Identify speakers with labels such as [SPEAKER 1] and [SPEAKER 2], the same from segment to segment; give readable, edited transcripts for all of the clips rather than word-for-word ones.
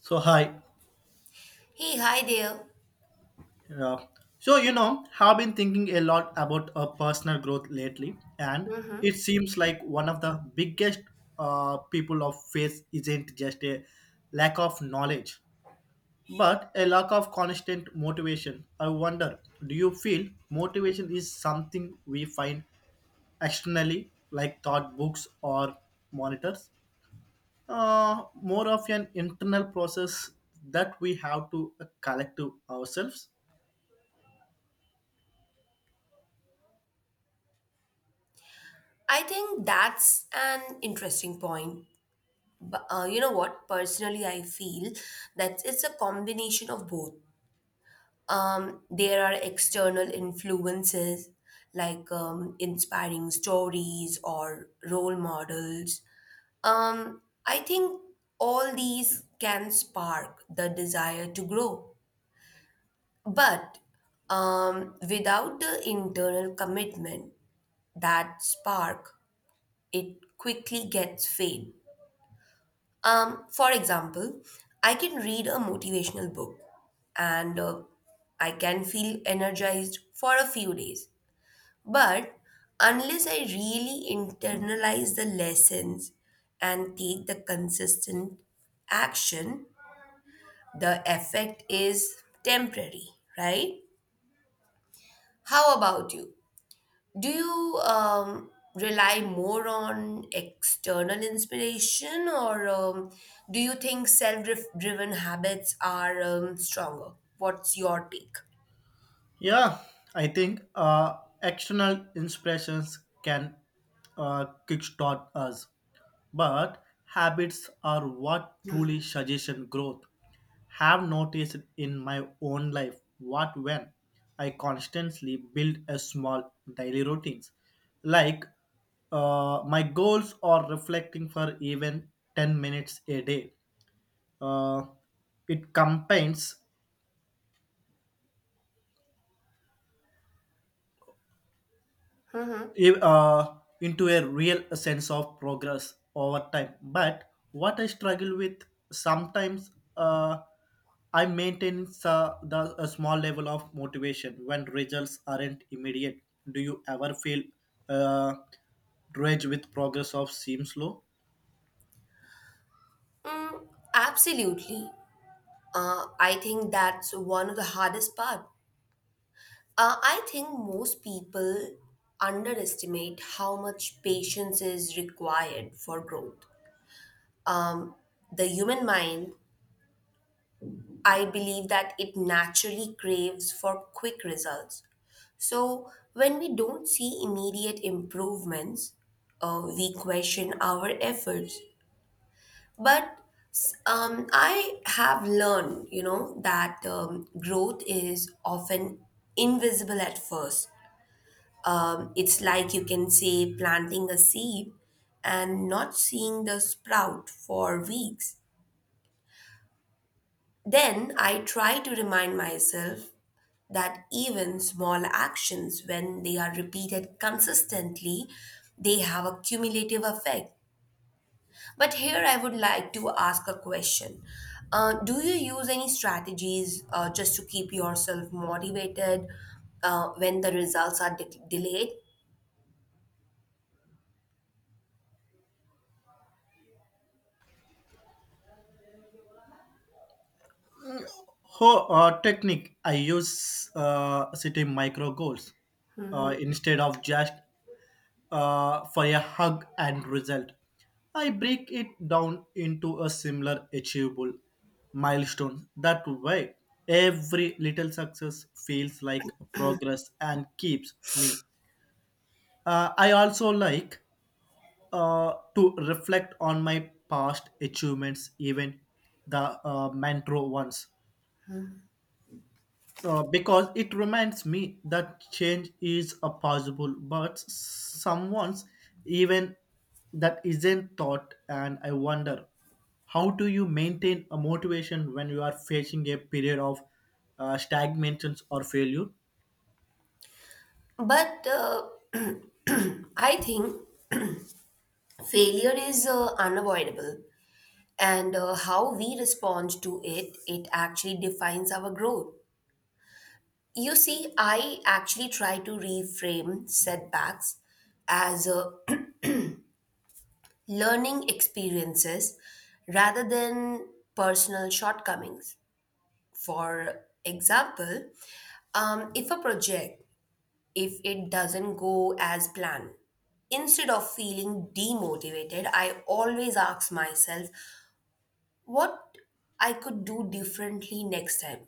[SPEAKER 1] So hi,
[SPEAKER 2] Hey, hi there.
[SPEAKER 1] uh, so you know, have been thinking a lot about personal growth lately, and it seems like one of the biggest people of faith isn't just a lack of knowledge, but a lack of constant motivation. I wonder, do you feel motivation is something we find externally, like thought books or monitors, more of an internal process that we have to collect to ourselves?
[SPEAKER 2] I think that's an interesting point. But you know what? Personally, I feel that it's a combination of both. There are external influences like inspiring stories or role models. I think all these can spark the desire to grow. But without the internal commitment, that spark it quickly gets fame. For example, I can read a motivational book and I can feel energized for a few days. But unless I really internalize the lessons and take the consistent action, the effect is temporary, right? How about you? Do you rely more on external inspiration or do you think self driven habits are stronger? What's your take?
[SPEAKER 1] Yeah, I think external inspirations can kickstart us, but habits are what truly suggestion growth. Have noticed in my own life what when I constantly build a small daily routines, like my goals or reflecting for even 10 minutes a day. Uh, it combines
[SPEAKER 2] Mm-hmm.
[SPEAKER 1] i- uh, into a real sense of progress over time. But what I struggle with sometimes, uh, I maintain the a small level of motivation when results aren't immediate. Do you ever feel uh, rage with progress of seems slow?
[SPEAKER 2] Mm, absolutely. I think that's one of the hardest part. I think most people underestimate how much patience is required for growth. Um, the human mind I believe that it naturally craves for quick results. So, when we don't see immediate improvements, we question our efforts. But I have learned, you know, that growth is often invisible at first. It's like you can say planting a seed and not seeing the sprout for weeks. Then I try to remind myself that even small actions, when they are repeated consistently, they have a cumulative effect. But here I would like to ask a question. Do you use any strategies just to keep yourself motivated when the results are delayed?
[SPEAKER 1] Oh, technique I use setting micro goals instead of just for a hug and result. I break it down into a similar achievable milestone. That way, every little success feels like progress and keeps me. I also like to reflect on my past achievements, even the mantra ones. Because it reminds me that change is a possible, but someone's even that isn't thought, and I wonder how do you maintain a motivation when you are facing a period of stagnation or failure?
[SPEAKER 2] But I think failure is unavoidable, and how we respond to it, it actually defines our growth. You see, I actually try to reframe setbacks as learning experiences rather than personal shortcomings. For example, if a project if it doesn't go as planned instead of feeling demotivated, I always ask myself what I could do differently next time.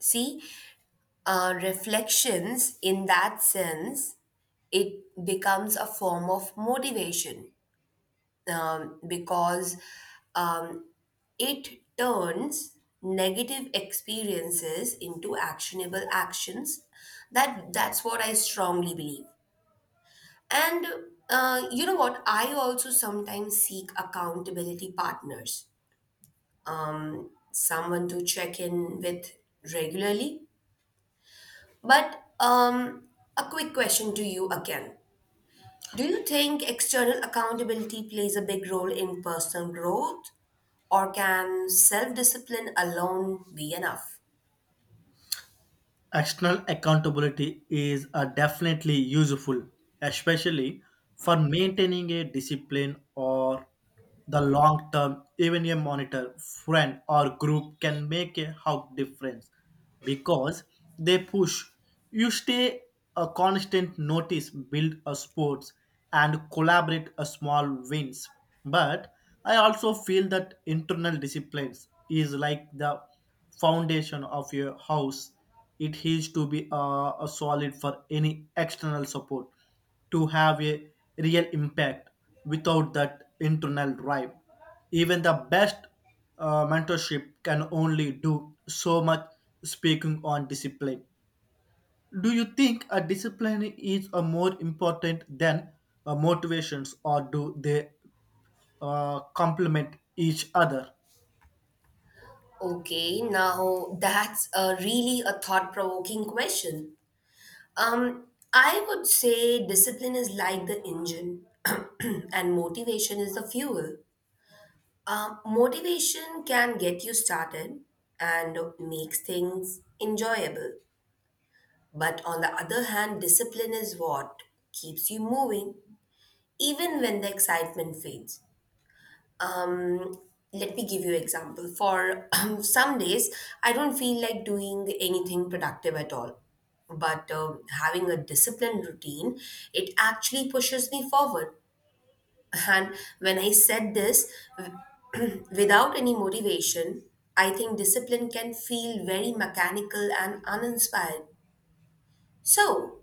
[SPEAKER 2] See Reflections in that sense it becomes a form of motivation because um, it turns negative experiences into actionable actions. That that's what I strongly believe. And uh, you know what I also sometimes seek accountability partners, someone to check in with regularly. But a quick question to you again. Do you think external accountability plays a big role in personal growth, or can self discipline alone be enough?
[SPEAKER 1] External accountability is definitely useful, especially for maintaining a discipline or the long term. Even a monitor, friend, or group can make a hug difference because they push. You stay a constant notice, build a sports, and collaborate a small wins. But I also feel that internal disciplines is like the foundation of your house. It has to be a solid for any external support to have a real impact. Without that internal drive, even the best mentorship can only do so much. Speaking on discipline, do you think a discipline is a more important than motivations, or do they complement each other?
[SPEAKER 2] Okay, now that's a really a thought provoking question. Um, I would say discipline is like the engine, and motivation is the fuel. Motivation can get you started and makes things enjoyable. But on the other hand, discipline is what keeps you moving, even when the excitement fades. Um, Let me give you example. For some days, I don't feel like doing anything productive at all. But having a disciplined routine, it actually pushes me forward. And when I said this without any motivation, I think discipline can feel very mechanical and uninspired. So,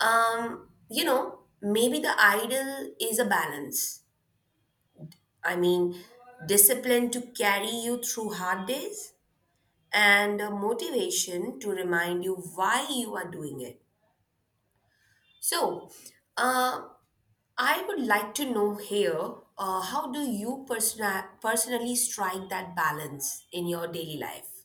[SPEAKER 2] you know, maybe the ideal is a balance. I mean, discipline to carry you through hard days and a motivation to remind you why you are doing it. So, uh, I would like to know here how do you personally strike that balance in your daily life?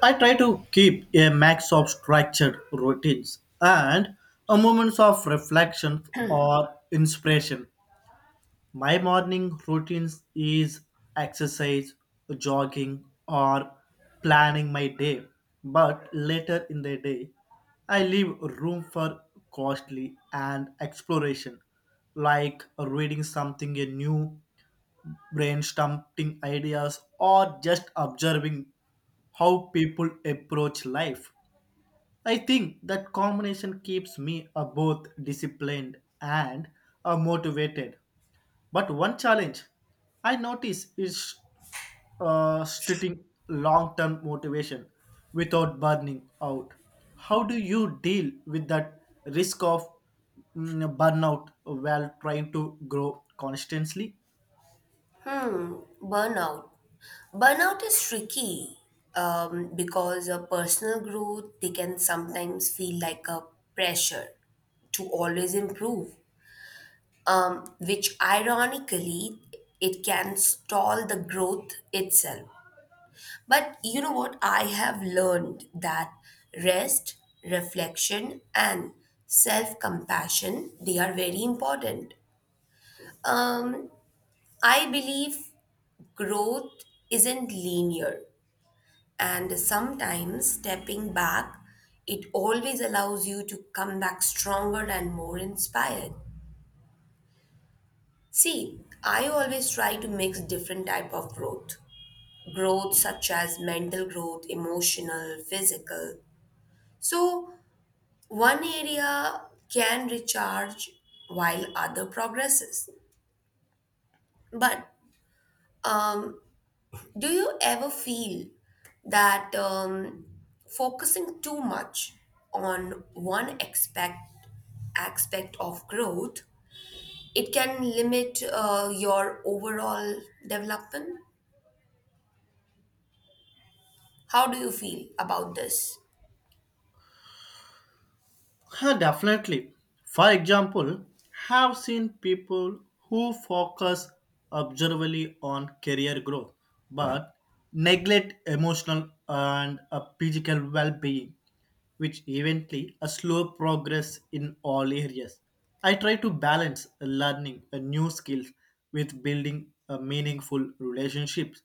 [SPEAKER 1] I try to keep a mix of structured routines and a moments of reflection or inspiration. My morning routines is exercise, jogging, or planning my day. But later in the day, I leave room for costly and exploration, like reading something new, brainstorming ideas, or just observing how people approach life. I think that combination keeps me both disciplined and motivated. But one challenge I notice is stating long term motivation without burning out. How do you deal with that risk of mm, burnout while trying to grow constantly?
[SPEAKER 2] Hmm, burnout. Burnout is tricky because a personal growth they can sometimes feel like a pressure to always improve, which ironically it can stall the growth itself. But you know what? I have learned that rest, reflection, and self compassion they are very important. Um, I believe growth isn't linear, and sometimes stepping back, it always allows you to come back stronger and more inspired. See, I always try to mix different type of growth. Growth such as mental growth, emotional, physical. So one area can recharge while other progresses. But um, do you ever feel that focusing too much on one aspect of growth it can limit your overall development? How do you feel about this?
[SPEAKER 1] Yeah, definitely. For example, have seen people who focus observably on career growth but neglect emotional and physical well-being, which eventually a slow progress in all areas. I try to balance learning a new skills with building a meaningful relationships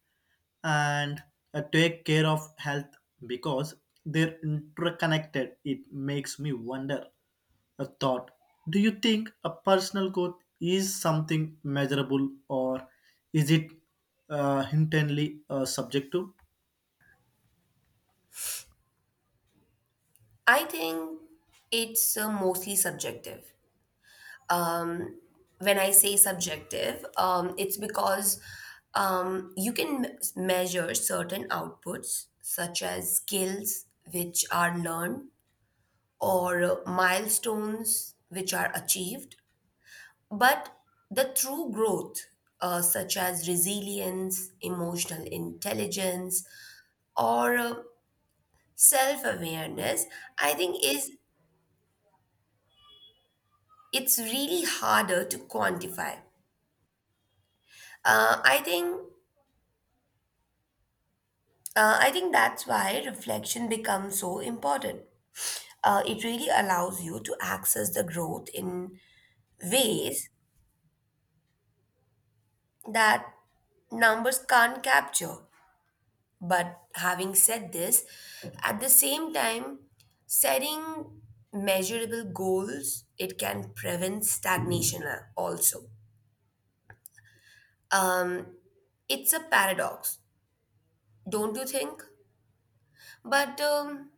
[SPEAKER 1] and take care of health because they're interconnected. It makes me wonder a thought. Do you think a personal growth is something measurable or is it intently subjective?
[SPEAKER 2] I think it's mostly subjective. Um, when I say subjective, it's because you can measure certain outputs, such as skills which are learned or milestones which are achieved. But the true growth, such as resilience, emotional intelligence, or self awareness, I think is it's really harder to quantify. Uh, I think I think that's why reflection becomes so important. It really allows you to access the growth in ways that numbers can't capture. But having said this, at the same time, setting measurable goals it can prevent stagnation also. Um, it's a paradox, don't you think? But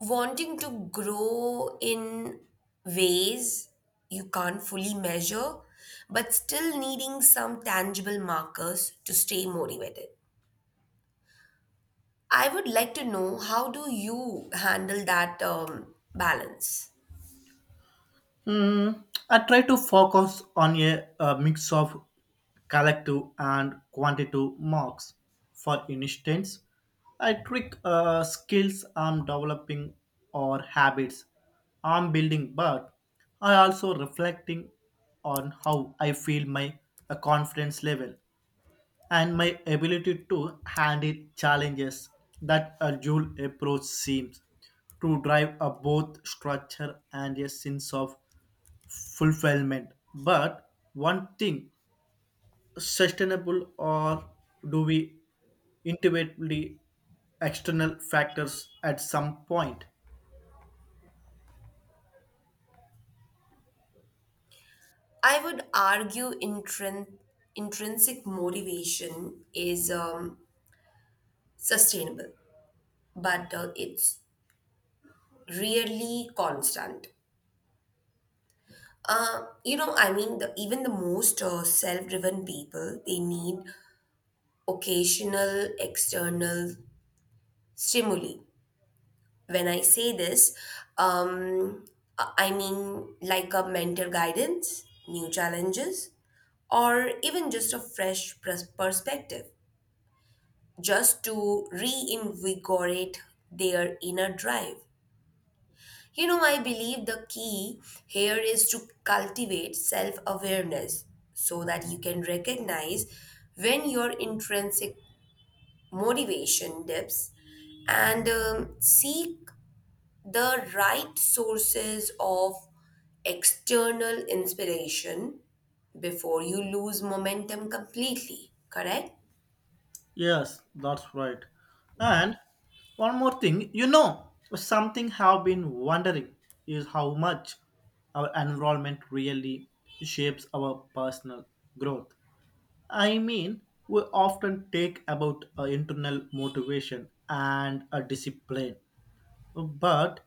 [SPEAKER 2] wanting to grow in ways you can't fully measure, but still needing some tangible markers to stay motivated. I would like to know how do you handle that balance?
[SPEAKER 1] Mm, I try to focus on a mix of collective and quantitative marks. For instance, I trick skills I'm developing or habits I'm building, but I also reflecting on how I feel my confidence level and my ability to handle challenges. That a dual approach seems to drive a both structure and a sense of fulfillment. But one thing sustainable, or do we intuitively external factors at some point?
[SPEAKER 2] I would argue intrinsic motivation is sustainable, but it's really constant. You know, I mean, even the most self driven people, they need occasional external stimuli. When I say this, um, I mean like a mentor guidance, new challenges, or even just a fresh perspective, just to reinvigorate their inner drive. You know, I believe the key here is to cultivate self awareness so that you can recognize when your intrinsic motivation dips and seek the right sources of external inspiration before you lose momentum completely, correct?
[SPEAKER 1] Yes, that's right. And one more thing, you know, something have been wondering is how much our environment really shapes our personal growth. I mean, we often take about internal motivation and a discipline. But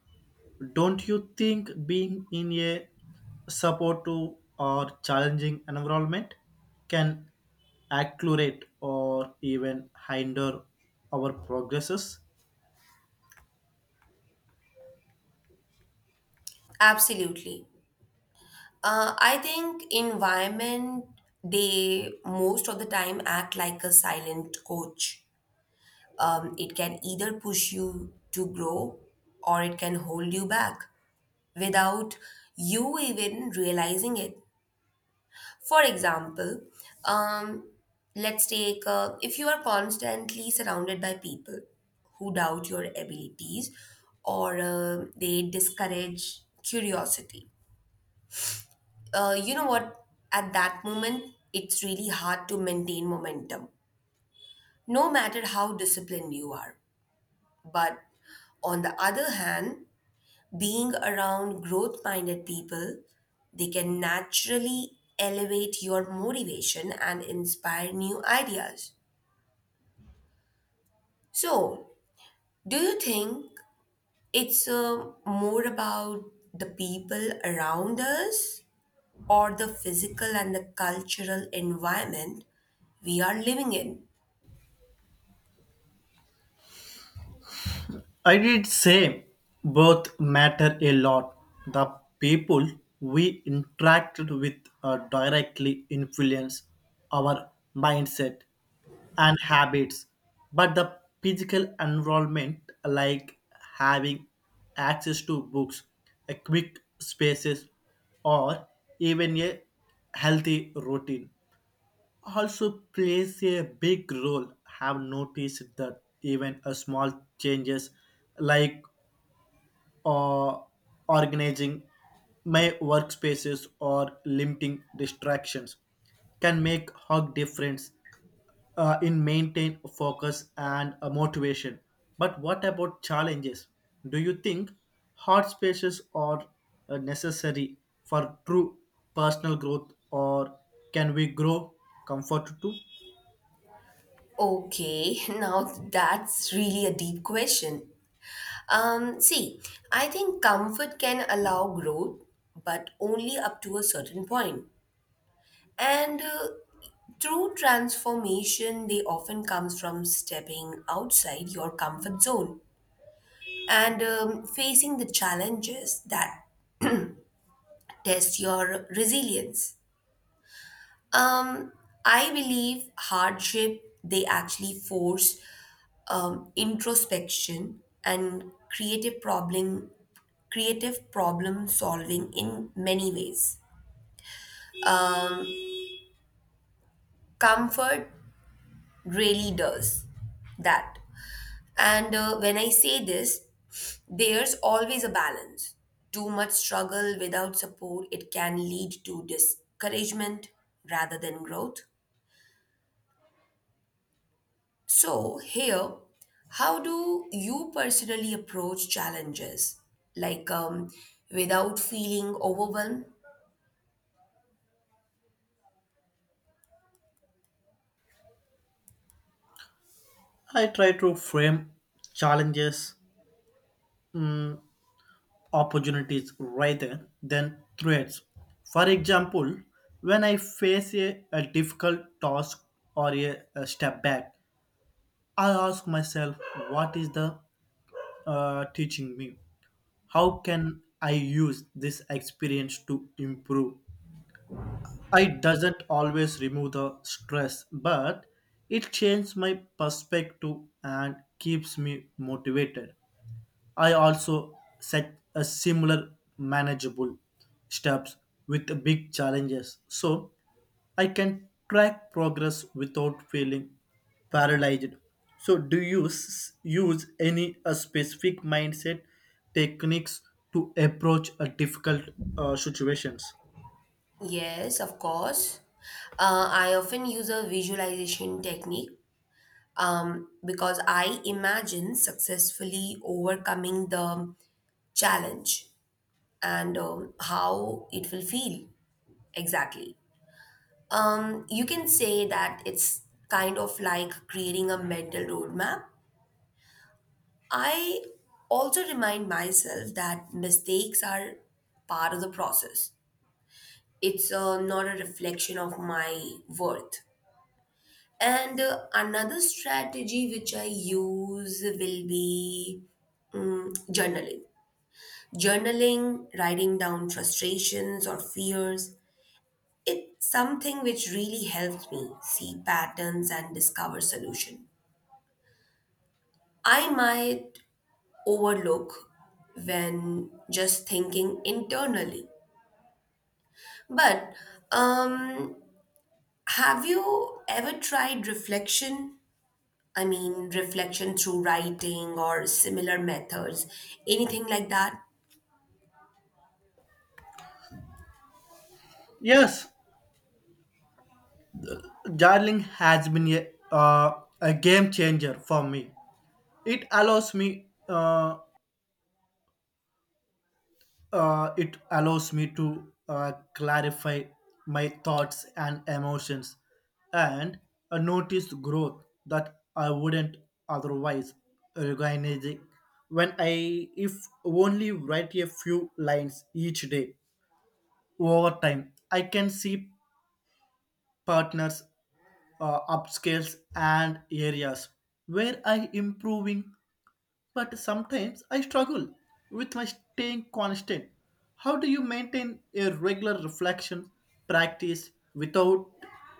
[SPEAKER 1] don't you think being in a supportive or challenging environment can accelerate or even hinder our progresses?
[SPEAKER 2] Absolutely. I think environment they most of the time act like a silent coach. It can either push you to grow or it can hold you back without you even realizing it. For example, um, let's take, if you are constantly surrounded by people who doubt your abilities or they discourage curiosity, you know what? At that moment, it's really hard to maintain momentum, no matter how disciplined you are. But on the other hand, being around growth minded people, they can naturally elevate your motivation and inspire new ideas. So, do you think it's more about the people around us or the physical and the cultural environment we are living in?
[SPEAKER 1] I did say both matter a lot. The people we interacted with directly influence our mindset and habits, but the physical environment, like having access to books, a quick spaces, or even a healthy routine, also plays a big role. Have noticed that even a small changes, like uh, organizing my workspaces or limiting distractions, can make hug difference in maintain focus and motivation. But what about challenges? Do you think hard spaces are necessary for true personal growth, or can we grow comfort too?
[SPEAKER 2] Okay, now that's really a deep question. See, I think comfort can allow growth, but only up to a certain point. And true transformation, they often comes from stepping outside your comfort zone and facing the challenges that test your resilience. Um, I believe hardship they actually force introspection and creative problem solving in many ways. Um, Comfort really does that. And when I say this, there's always a balance. Too much struggle without support, it can lead to discouragement rather than growth. So, here, how do you personally approach challenges? Like, without feeling overwhelmed?
[SPEAKER 1] I try to frame challenges, opportunities rather than threats. For example, when I face a difficult task or a step back, I ask myself, what is the teaching me? How can I use this experience to improve? It doesn't always remove the stress, but it changes my perspective and keeps me motivated. I also set a similar manageable steps with the big challenges so I can track progress without feeling paralyzed. So do you use any specific mindset techniques to approach a difficult situations?
[SPEAKER 2] Yes, of course. I often use a visualization technique because I imagine successfully overcoming the challenge and how it will feel exactly. You can say that it's kind of like creating a mental roadmap. I also remind myself that mistakes are part of the process, it's not a reflection of my worth. And another strategy which I use will be, mm, journaling. Journaling, writing down frustrations or fears, it's something which really helps me see patterns and discover solution. I might overlook when just thinking internally. But um, have you ever tried reflection, I mean, reflection through writing or similar methods, anything like that?
[SPEAKER 1] Yes, journaling has been a game changer for me. It allows me uh, it allows me to clarify my thoughts and emotions and notice growth that I wouldn't otherwise recognize it. When I if only write a few lines each day over time, I can see partners, upscales and areas where I improving, but sometimes I struggle with my staying constant. How do you maintain a regular reflection practice without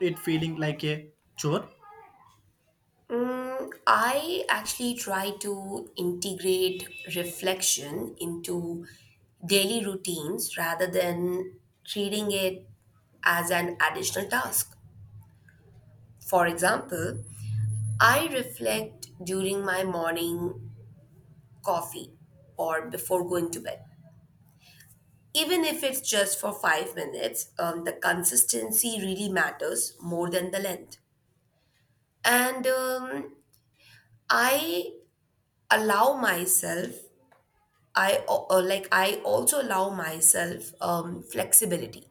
[SPEAKER 1] it feeling like a chore?
[SPEAKER 2] Mm, I actually try to integrate reflection into daily routines rather than treating it as an additional task. For example, I reflect during my morning coffee or before going to bed. Even if it's just for 5 minutes, the consistency really matters more than the length. And I allow myself I al- like I also allow myself flexibility.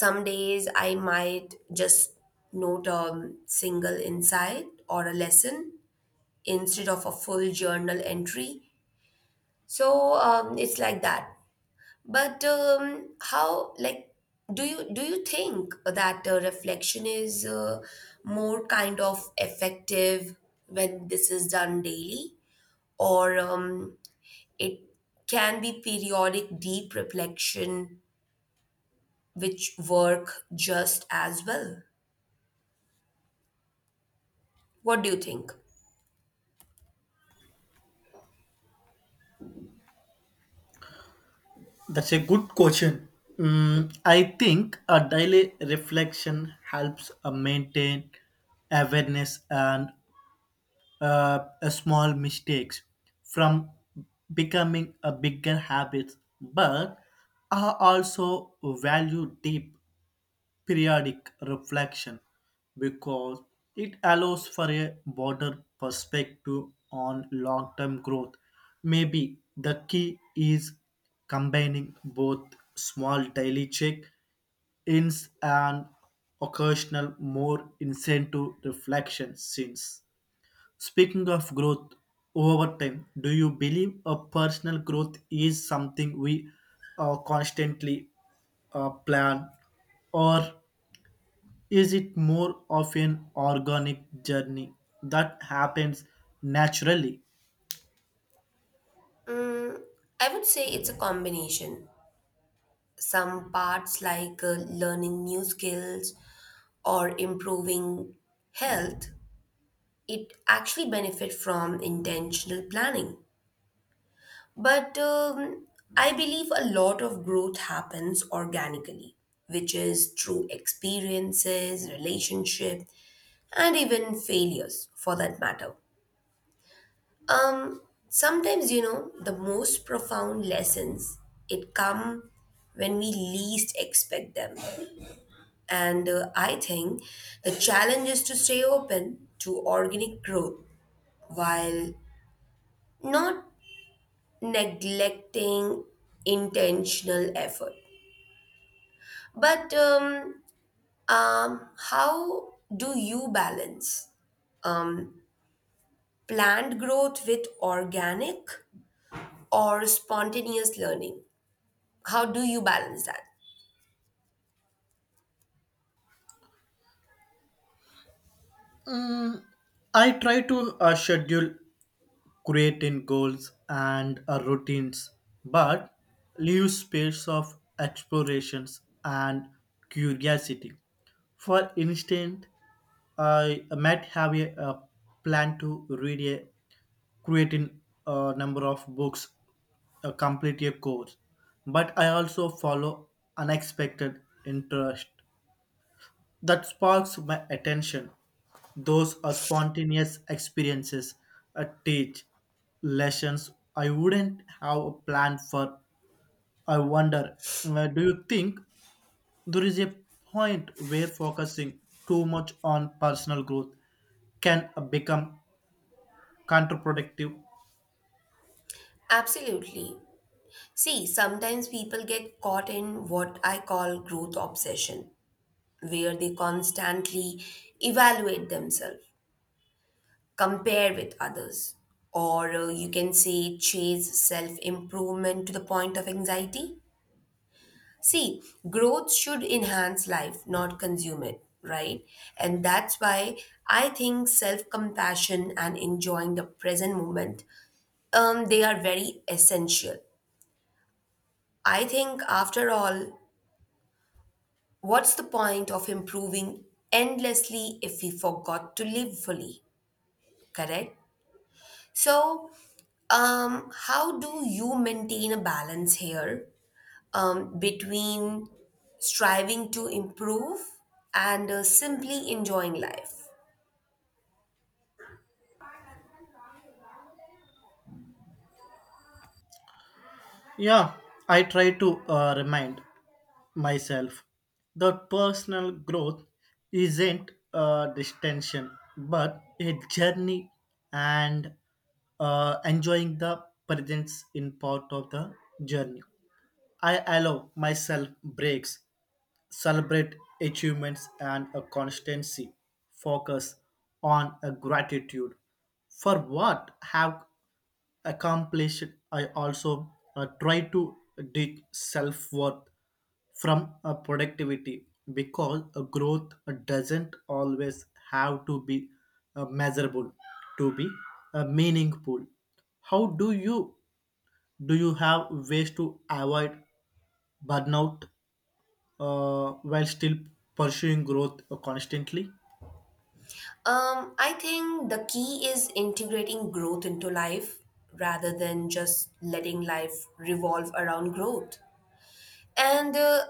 [SPEAKER 2] Some days I might just note a single insight or a lesson instead of a full journal entry. So it's like that. But um, how like do you think that reflection is more kind of effective when this is done daily, or it can be periodic deep reflection, which work just as well. What do you think?
[SPEAKER 1] That's a good question. Mm, I think a daily reflection helps maintain awareness and a small mistakes from becoming a bigger habit, but I also value deep periodic reflection because it allows for a broader perspective on long term growth. Maybe the key is combining both small daily check ins and occasional more incentive reflection. Since speaking of growth over time, do you believe a personal growth is something we constantly plan, or is it more of an organic journey that happens naturally?
[SPEAKER 2] Mm, I would say it's a combination. Some parts, like learning new skills or improving health, it actually benefit from intentional planning. But I believe a lot of growth happens organically, which is through experiences, relationship, and even failures for that matter. Um, Sometimes, you know, the most profound lessons, it come when we least expect them. And I think the challenge is to stay open to organic growth while not neglecting intentional effort. But how do you balance um, planned growth with organic or spontaneous learning? How do you balance that?
[SPEAKER 1] Mm, I try to schedule creating goals and routines, but leave space of explorations and curiosity. For instance, I might have a plan to read a creating a number of books, complete a course. But I also follow unexpected interest that sparks my attention. Those are spontaneous experiences that teach lessons I wouldn't have a plan for. I wonder, do you think there is a point where focusing too much on personal growth can become counterproductive?
[SPEAKER 2] Absolutely. See, sometimes people get caught in what I call growth obsession, where they constantly evaluate themselves, compare with others, or you can say chase self improvement to the point of anxiety. See, growth should enhance life, not consume it, right? And that's why I think self compassion and enjoying the present moment, they are very essential. I think, after all, what's the point of improving endlessly if we forgot to live fully? Correct? So, how do you maintain a balance here, between striving to improve and simply enjoying life?
[SPEAKER 1] Yeah, I try to remind myself that personal growth isn't a distinction but a journey, and enjoying the presence in part of the journey. I allow myself breaks, celebrate achievements and a constancy, focus on a gratitude for what have accomplished. I also try to dig self-worth from a productivity because a growth doesn't always have to be measurable to be meaningful. How do you, do you have ways to avoid burnout while still pursuing growth constantly?
[SPEAKER 2] I think the key is integrating growth into life rather than just letting life revolve around growth. And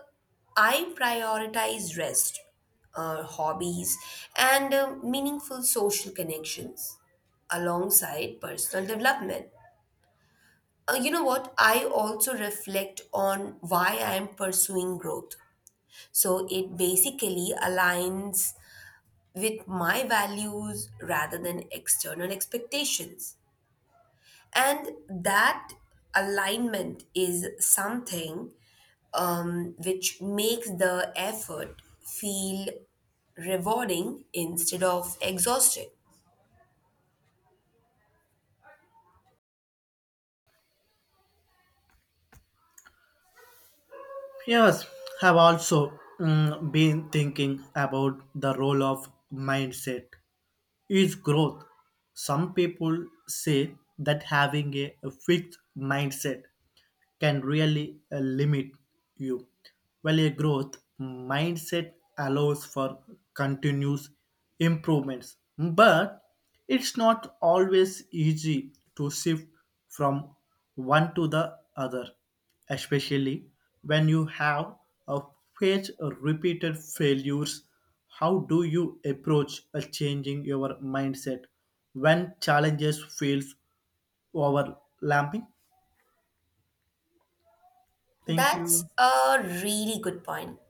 [SPEAKER 2] I prioritize rest, hobbies, and meaningful social connections alongside personal development. You know what? I also reflect on why I am pursuing growth, so it basically aligns with my values rather than external expectations. And that alignment is something which makes the effort feel rewarding instead of exhausting.
[SPEAKER 1] Yes, have also mm, been thinking about the role of mindset is growth. Some people say that having a fixed mindset can really limit you, while a growth mindset allows for continuous improvements, but it's not always easy to shift from one to the other, especially when you have a faced repeated failures. How do you approach a changing your mindset when challenges feels overlapping? Thank
[SPEAKER 2] That's
[SPEAKER 1] you.
[SPEAKER 2] a really good point